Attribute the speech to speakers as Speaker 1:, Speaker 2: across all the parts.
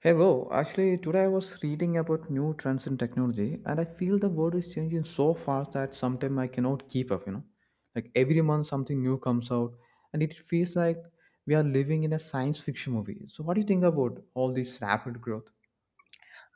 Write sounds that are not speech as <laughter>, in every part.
Speaker 1: Hey bro, actually today I was reading about new trends in technology and I feel the world is changing so fast that sometimes I cannot keep up, you know. Like every month something new comes out and it feels like we are living in a science fiction movie. So what do you think about all this rapid growth?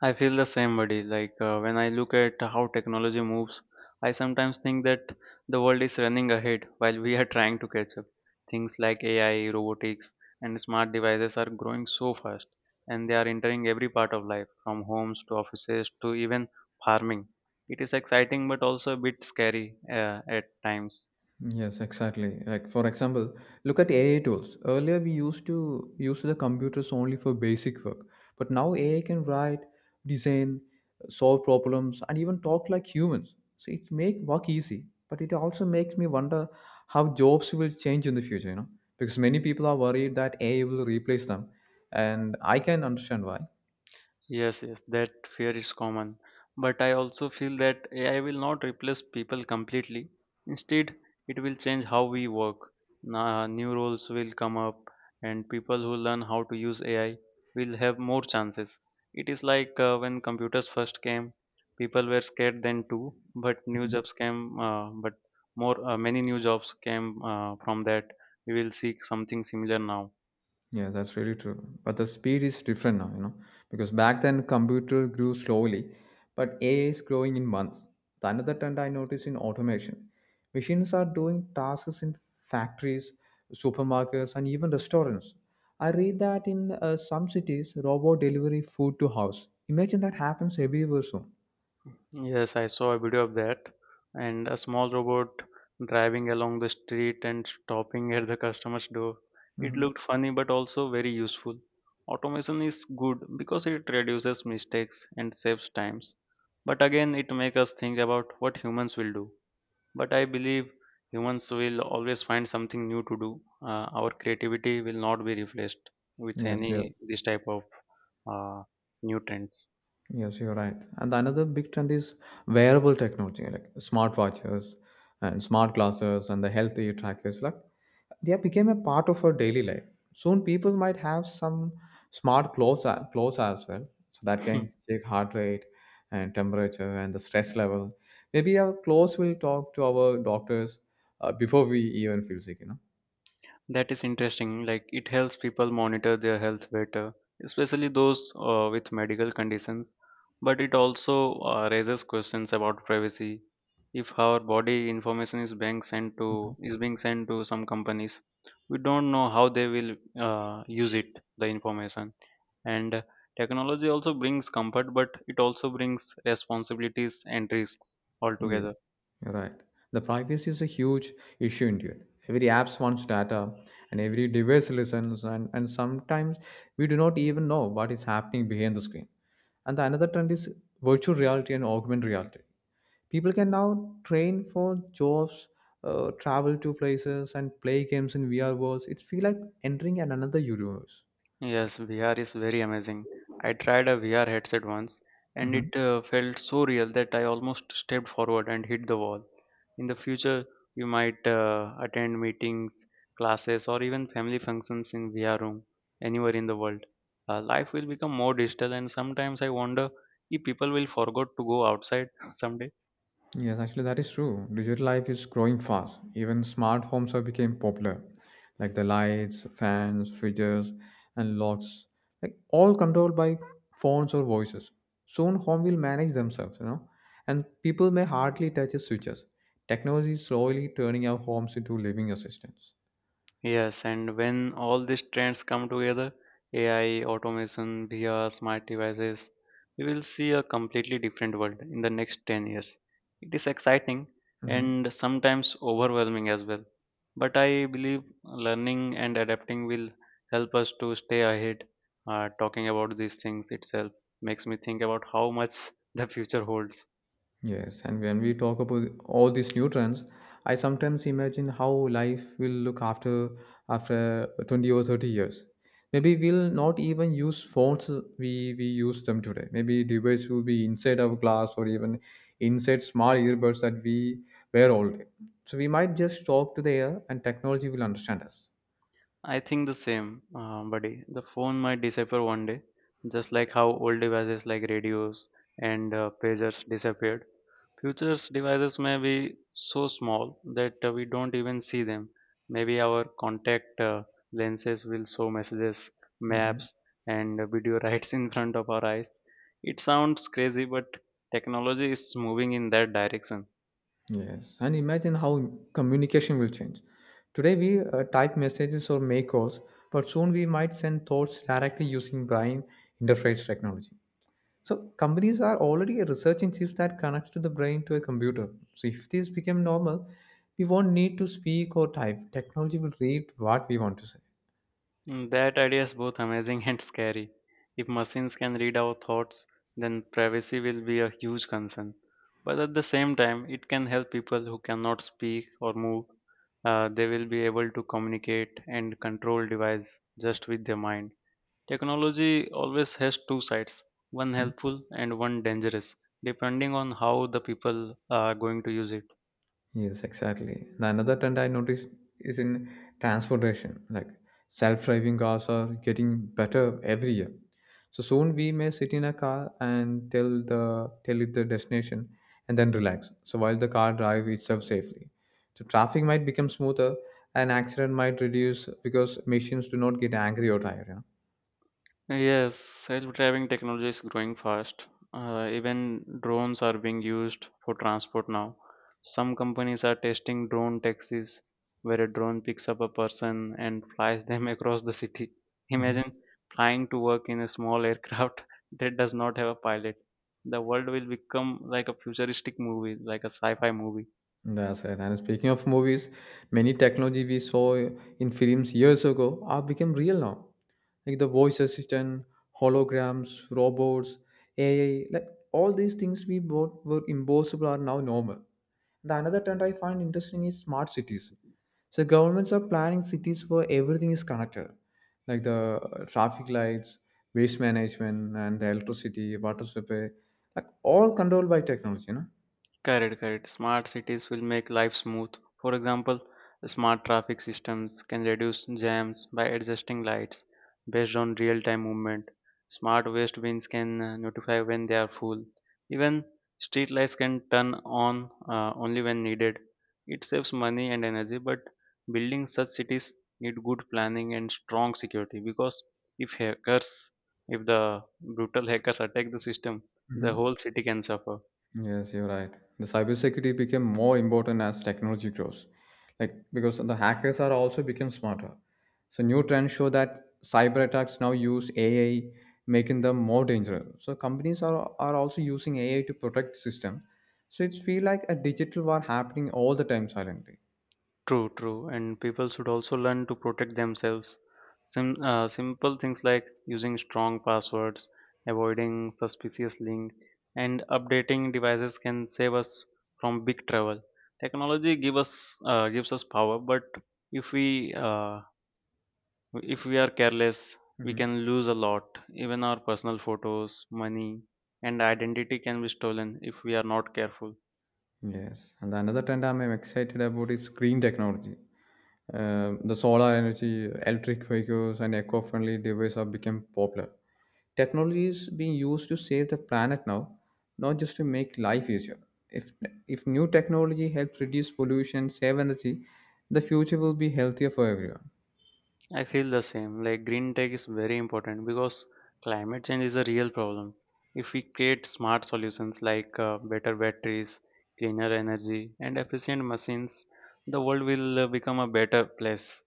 Speaker 2: I feel the same, buddy. When I look at how technology moves, I sometimes think that the world is running ahead while we are trying to catch up. Things like AI, robotics, and smart devices are growing so fast, and they are entering every part of life, from homes to offices to even farming. It is exciting, but also a bit scary at times.
Speaker 1: Yes, exactly. Like for example, look at AI tools. Earlier we used to use the computers only for basic work, but now AI can write, design, solve problems, and even talk like humans. So it make work easy, but it also makes me wonder how jobs will change in the future, you know? Because many people are worried that AI will replace them, and I can understand why.
Speaker 2: Yes, that fear is common. But I also feel that AI will not replace people completely. Instead, it will change how we work. New roles will come up, and people who learn how to use AI will have more chances. It is like when computers first came, people were scared then too, but new jobs came, but more many new jobs came from that. We will see something similar now.
Speaker 1: Yeah, that's really true. But the speed is different now, you know, because back then computer grew slowly, but AI is growing in months. The another trend I notice in automation, machines are doing tasks in factories, supermarkets, and even restaurants. I read that in some cities, robot delivery food to house. Imagine that happens everywhere soon.
Speaker 2: Yes, I saw a video of that, and a small robot driving along the street and stopping at the customer's door. It
Speaker 1: Hmm.
Speaker 2: looked funny but also very useful. Automation is good because it reduces mistakes and saves times. But again, it makes us think about what humans will do. But I believe humans will always find something new to do. Our creativity will not be replaced with
Speaker 1: Yes, yeah.
Speaker 2: any this type of uh, new trends.
Speaker 1: Yes, you're right. And another big trend is wearable technology, like smartwatches and smart glasses and the healthy trackers. Like they have become a part of our daily life. Soon, people might have some smart clothes, clothes as well, so that can
Speaker 2: <laughs>
Speaker 1: check heart rate and temperature and the stress level. Maybe our clothes will talk to our doctors before we even feel sick. You
Speaker 2: That is interesting. Like it helps people monitor their health better, especially those with medical conditions. But it also raises questions about privacy. If our body information is being sent
Speaker 1: know.
Speaker 2: to is being sent to some companies, we don't know how they will use it, the information. And technology also brings comfort, but it also brings responsibilities and risks
Speaker 1: Yeah,
Speaker 2: altogether.
Speaker 1: you're right. The privacy is a huge issue indeed. Every app wants data and every device listens and sometimes we do not even know what is happening behind the screen. And the another trend is virtual reality and augmented reality. People can now train for jobs, travel to places and play games in VR worlds. It feels like entering an another universe.
Speaker 2: Yes, VR is very amazing. I tried a VR headset once and
Speaker 1: Mm-hmm.
Speaker 2: it felt so real that I almost stepped forward and hit the wall. In the future, you might attend meetings, classes, or even family functions in VR room anywhere in the world. Life will become more digital, and sometimes I wonder if people will forget to go outside <laughs> someday.
Speaker 1: Yes, actually, that is true. Digital life is growing fast. Even smart homes have become popular, like the lights, fans, fridges, and locks, like all controlled by phones or voices. Soon, home will manage themselves, you know, and people may hardly touch the switches. Technology is slowly turning our homes into living assistants.
Speaker 2: Yes, and when all these trends come together, AI, automation, VR, smart devices, we will see a completely different world in the next 10 years. It is exciting
Speaker 1: Mhm.
Speaker 2: and sometimes overwhelming as well. But I believe learning and adapting will help us to stay ahead. Talking about these things itself makes me think about how much <laughs> the future holds.
Speaker 1: Yes, and when we talk about all these new trends, I sometimes imagine how life will look after 20 or 30 years. Maybe we'll not even use phones we use them today. Maybe device will be inside our glass or even inside small earbuds that we wear all day. So we might just talk to the air and technology will understand us.
Speaker 2: I think the same, buddy. The phone might disappear one day, just like how old devices like radios and pagers disappeared. Future's devices may be so small that we don't even see them. Maybe our contact lenses will show messages, maps, and video <laughs> rights in front of our eyes. It sounds crazy, but technology is moving in that direction.
Speaker 1: Yes, and imagine how communication will change. Today we type messages or make calls, but soon we might send thoughts directly using brain interface technology. So companies are already researching chips that connects to the brain to a computer. So if this become normal, we won't need to speak or type. Technology will read what we want to say.
Speaker 2: That idea is both amazing <laughs> and scary. If machines can read our thoughts, then privacy will be a huge concern. But at the same time, it can help people who cannot speak or move. They will be able to communicate and control device just with their mind. Technology always has two sides, one
Speaker 1: Hmm?
Speaker 2: helpful and one dangerous, depending on how the people are going to use it.
Speaker 1: Yes, exactly. The another trend I noticed is in transportation, like self-driving cars are getting better every year. So soon we may sit in a car and tell it the destination and then relax. So while the car drive itself safely. So traffic might become smoother and accident might reduce because machines do not get angry or tired. Yeah?
Speaker 2: Yes, self-driving technology is growing fast. Even drones are being used for transport now. Some companies are testing drone taxis, where a drone picks up a person and flies them <laughs> across the city.
Speaker 1: Mm-hmm.
Speaker 2: Imagine flying to work in a small aircraft <laughs> that does not have a pilot. The world will become like a futuristic movie, like a sci-fi movie.
Speaker 1: That's right. And speaking of movies, many technology we saw in films years ago are become real now. Like the voice assistant, holograms, robots, AI, like all these things we bought were impossible are now normal. The another trend I find interesting is smart cities. So governments are planning cities where everything is connected, like the traffic lights, waste management, and the electricity, water supply, like all controlled by technology, you know.
Speaker 2: Correct. Smart cities will make life smooth. For example, smart traffic systems can reduce jams by adjusting lights based on real time movement. Smart waste bins can notify when they are full. Even street lights can turn on only when needed. It saves money and energy, but building such cities need good planning and strong security because if hackers, if the brutal hackers attack the system, the
Speaker 1: Mhm.
Speaker 2: whole city can suffer.
Speaker 1: Yes, you're right. The cybersecurity became more important as technology grows, like because the hackers are also become smarter. So new trends show that cyber attacks now use AI, making them more dangerous. So companies are also using AI to protect system. So it's feel like a digital war happening all the time silently.
Speaker 2: True. And people should also learn to protect themselves. Simple things like using strong passwords, avoiding suspicious links, and updating devices can save us from big trouble. Technology gives us power, but if we uh, if we are careless, we
Speaker 1: Hmm.
Speaker 2: can lose a lot. Even our personal photos, money, and identity can be stolen if we are not careful.
Speaker 1: Yes, and another trend I'm excited about is green technology. The solar energy, electric vehicles, and eco-friendly devices have become popular. Technology is being used to save the planet now, not just to make life easier. If if new technology helps reduce pollution, save energy, the future will be healthier for everyone.
Speaker 2: I feel the same. Like green tech is very important because climate change is a real problem. If we create smart solutions like better batteries, cleaner energy, and efficient machines, the world will become a better place.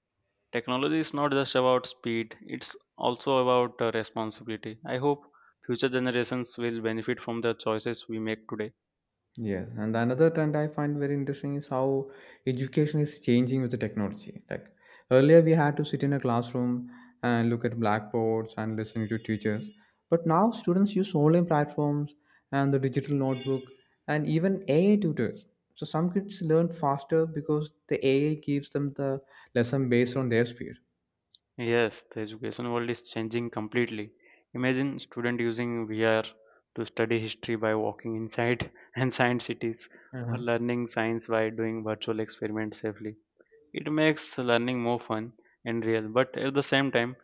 Speaker 2: Technology is not just about speed, it's also about responsibility. I hope future generations will benefit from the choices we make today.
Speaker 1: Yes, and another trend I find very interesting is how education is changing with the technology. Like earlier, we had to sit in a classroom and look at blackboards and listening to teachers, but now students use online platforms and the digital notebook and even AI tutors. So some kids learn faster because the AI gives them the lesson based on their speed.
Speaker 2: Yes, the education world is changing completely. Imagine student using VR to study history by walking inside <laughs> and science cities or
Speaker 1: Uh-huh.
Speaker 2: learning science by doing virtual experiments safely. It makes learning more fun and real, but at the same time,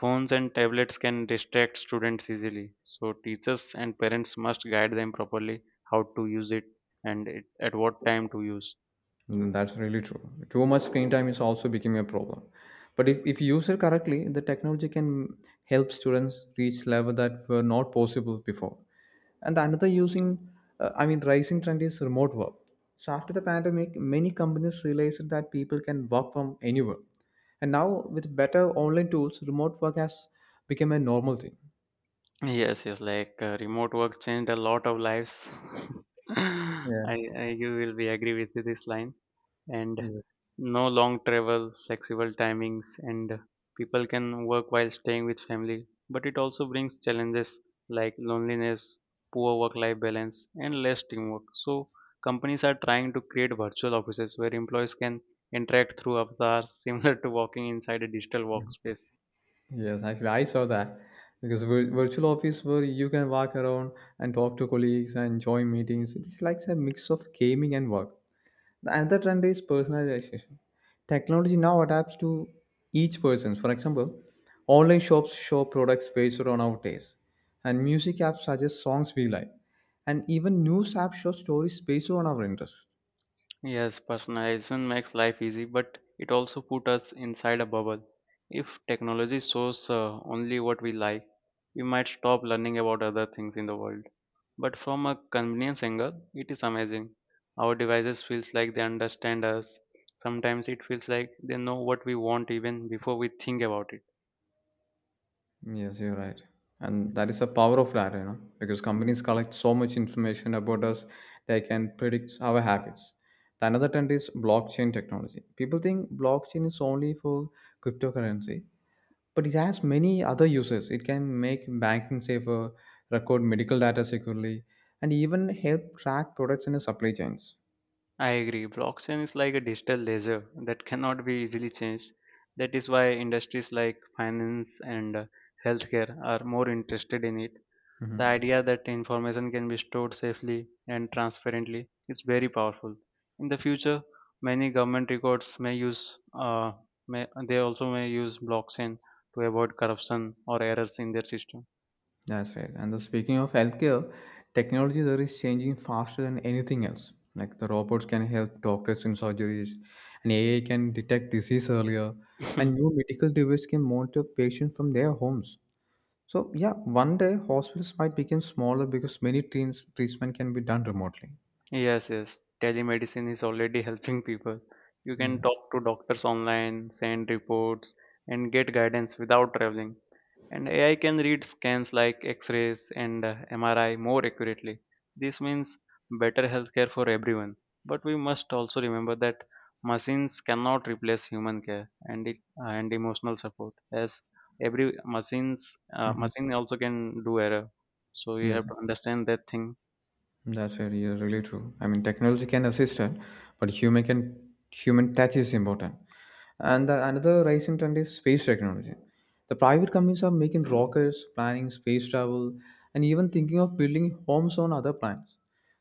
Speaker 2: phones and tablets can distract students easily. So teachers and parents must guide them properly how to use it and it, at what time to use.
Speaker 1: Mm. That's really true. Too much screen time is also becoming a problem. But if used correctly, the technology can help students reach levels that were not possible before. And another rising trend is remote work. So after the pandemic, many companies realized that people can work from anywhere. And now with better online tools, remote work has become a normal thing.
Speaker 2: Yes, remote work changed a lot of lives. <laughs> I,
Speaker 1: Yeah.
Speaker 2: I you will be agree with this line and
Speaker 1: Yes.
Speaker 2: no long travel, flexible timings, and people can work while staying with family. But it also brings challenges like loneliness, poor work-life balance, and less teamwork. So companies are trying to create virtual offices where employees can interact through avatars, <laughs> similar to walking inside a digital workspace.
Speaker 1: Yes, actually, I saw that because virtual office where you can walk around and talk to colleagues and join meetings. It's like a mix of gaming and work. The another trend is personalization. Technology now adapts to each person. For example, online shops show products based on our taste, and music apps suggest songs we like, and even news apps show stories based on our interests.
Speaker 2: Yes, personalization makes life easy, but it also put us inside a bubble. If technology shows only what we like, we might stop learning about other things in the world. But from a convenience angle, it is amazing. Our devices feels like they understand us. Sometimes it feels like they know what we want even before we think about it.
Speaker 1: Yes, you're right. And that is a power of data, you know, because companies collect so much information about us, they can predict our habits. The another trend is blockchain technology. People think blockchain is only for cryptocurrency, but it has many other uses. It can make banking safer, record medical data securely, and even help track products in the supply chains.
Speaker 2: I agree. Blockchain is like a digital ledger that cannot be easily changed. That is why industries like finance and healthcare are more interested in it. The
Speaker 1: Mhm.
Speaker 2: idea that information can be stored safely and transparently is very powerful. In the future, many government records may use may, they also may use blockchain to avoid corruption or errors in their system.
Speaker 1: That's right. And the speaking of healthcare, technology there is changing faster than anything else. Like the robots can help doctors in surgeries, and AI can detect disease earlier, and
Speaker 2: <laughs>
Speaker 1: new medical devices can monitor patients from their homes. So yeah, one day hospitals might become smaller because many treats treatment can be done remotely.
Speaker 2: Yes. Telemedicine is already helping people. You can
Speaker 1: Yeah.
Speaker 2: talk to doctors online, send reports, and get guidance without traveling. And AI can read scans like X-rays and MRI more accurately. This means better healthcare for everyone. But we must also remember that machines cannot replace human care and emotional support, as every machines
Speaker 1: Mhm.
Speaker 2: machine also can do error. So you
Speaker 1: Yes.
Speaker 2: have to understand that thing.
Speaker 1: That's very really true. I mean, technology can assist it, but human touch is important. And another rising trend is space technology. The private companies are making rockets, planning space travel, and even thinking of building homes on other planets.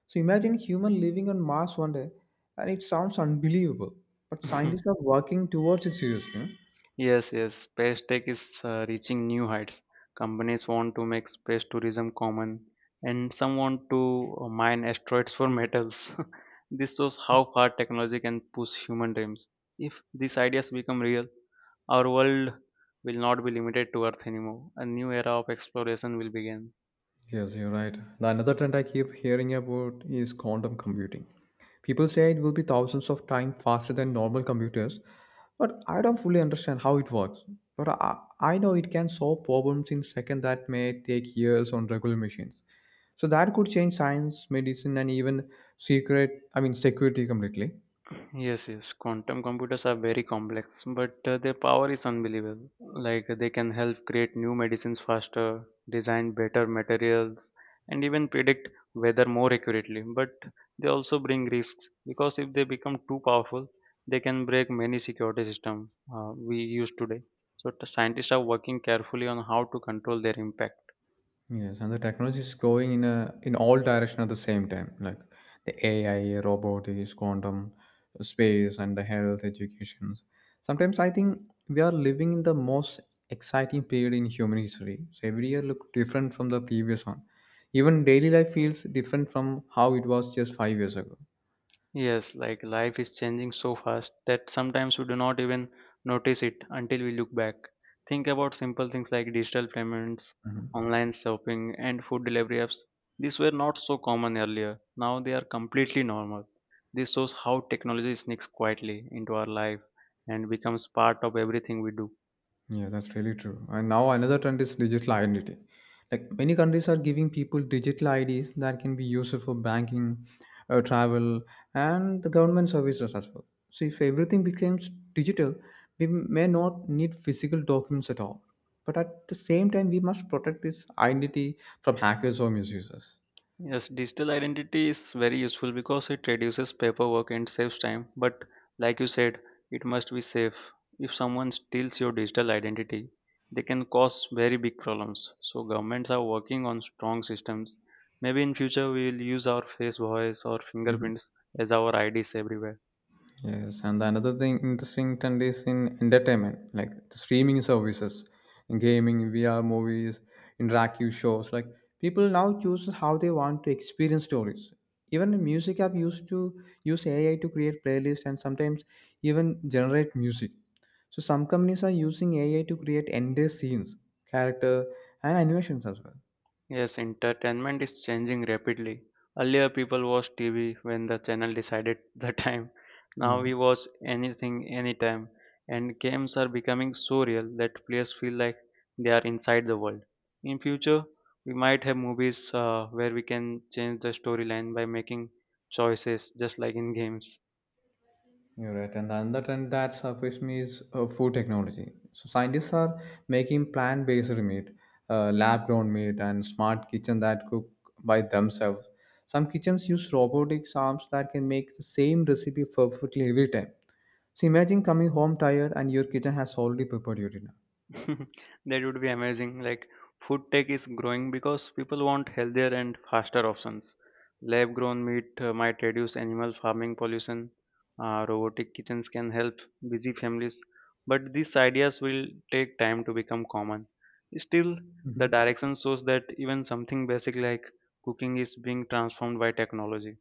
Speaker 1: So imagine human living on Mars one day, and it sounds unbelievable. But
Speaker 2: <laughs>
Speaker 1: scientists are working towards it seriously.
Speaker 2: Yes, space tech is reaching new heights. Companies want to make space tourism common, and some want to mine asteroids for metals. <laughs> this shows how far technology can push human dreams. If these ideas become real, our world will not be limited to Earth anymore. A new era of exploration will begin.
Speaker 1: Yes, you're right. The another trend I keep hearing about is quantum computing. People say it will be thousands of times faster than normal computers, but I don't fully understand how it works. But I know it can solve problems in seconds that may take years on regular machines. So that could change science, medicine, and even secret, I mean, security completely.
Speaker 2: Yes. Quantum computers are very complex, but their power is unbelievable. Like they can help create new medicines faster, design better materials, and even predict weather more accurately. But they also bring risks because if they become too powerful, they can break many security systems we use today. So the scientists are working carefully on how to control their impact.
Speaker 1: Yes, and the technology is growing in a in all direction at the same time, like the AI, robotics, quantum, space, and the health education. Sometimes I think we are living in the most exciting period in human history. So every year look different from the previous one. Even daily life feels different from how it was just 5 years ago.
Speaker 2: Yes, like life is changing so fast that sometimes we do not even notice it until we look back. Think about simple things like digital payments, online shopping, and food delivery apps. These were not so common earlier. Now they are completely normal. This shows how technology sneaks quietly into our life and becomes part of everything we do.
Speaker 1: Yeah, that's really true. And now another trend is digital identity. Like many countries are giving people digital IDs that can be used for banking, travel, and the government services as well. So if everything becomes digital, we may not need physical documents at all. But at the same time, we must protect this identity from hackers or misusers.
Speaker 2: Yes, digital identity is very useful because it reduces paperwork and saves time. But like you said, it must be safe. If someone steals your digital identity, they can cause very big problems. So governments are working on strong systems. Maybe in future we will use our face, voice, or
Speaker 1: Mm-hmm.
Speaker 2: fingerprints as our IDs everywhere.
Speaker 1: Yes, and another thing interesting trend is in entertainment, like the streaming services, gaming, VR movies, interactive shows. Like people now choose how they want to experience stories. Even the music app used to use AI to create playlists and sometimes even generate music. So some companies are using AI to create entire scenes, character, and animations as well.
Speaker 2: Yes, entertainment is changing rapidly. Earlier, people watched TV when the channel decided the <laughs> time. Now
Speaker 1: Yeah.
Speaker 2: we watch anything, anytime. And games are becoming so real that players feel like they are inside the world. In future, we might have movies where we can change the storyline by making choices, just like in games.
Speaker 1: You're right, and the another trend that surprised me is food technology. So scientists are making plant-based meat, lab-grown meat, and smart kitchen that cook by themselves. Some kitchens use robotic arms that can make the same recipe perfectly every time. So imagine coming home tired and your kitchen has already prepared your dinner.
Speaker 2: <laughs> That would be amazing. Like food tech is growing because people want healthier and faster options. Lab grown meat might reduce animal farming pollution. Robotic kitchens can help busy families, but these ideas will take time to become common. Still, the
Speaker 1: Mhm.
Speaker 2: direction shows that even something basic like cooking is being transformed by technology.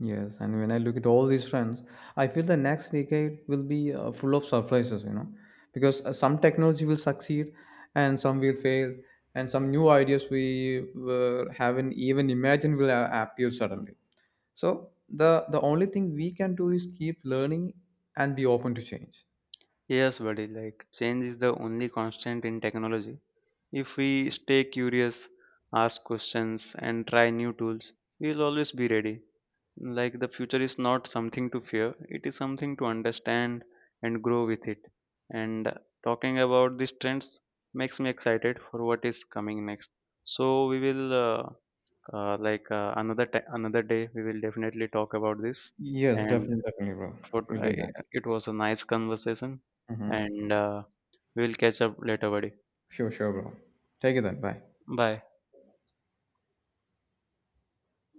Speaker 1: Yes, and when I look at all these trends, I feel the next decade will be full of surprises, you know, because some technology will succeed and some will fail, and some new ideas we haven't even imagined will appear suddenly. So the only thing we can do is keep learning and be open to change.
Speaker 2: Yes, buddy, like change is the only constant in technology. If we stay curious, ask questions, and try new tools, we'll always be ready. Like the future is not something to fear, it is something to understand and grow with it. And talking about these trends makes me excited for what is coming next. So we will another day we will definitely talk about this.
Speaker 1: Yes,
Speaker 2: And
Speaker 1: definitely, definitely, bro.
Speaker 2: for
Speaker 1: We'll do
Speaker 2: I
Speaker 1: that.
Speaker 2: It was a nice conversation,
Speaker 1: Hmm.
Speaker 2: and we'll catch up later, buddy.
Speaker 1: Sure, sure, bro. Take it then. Bye.
Speaker 2: Bye.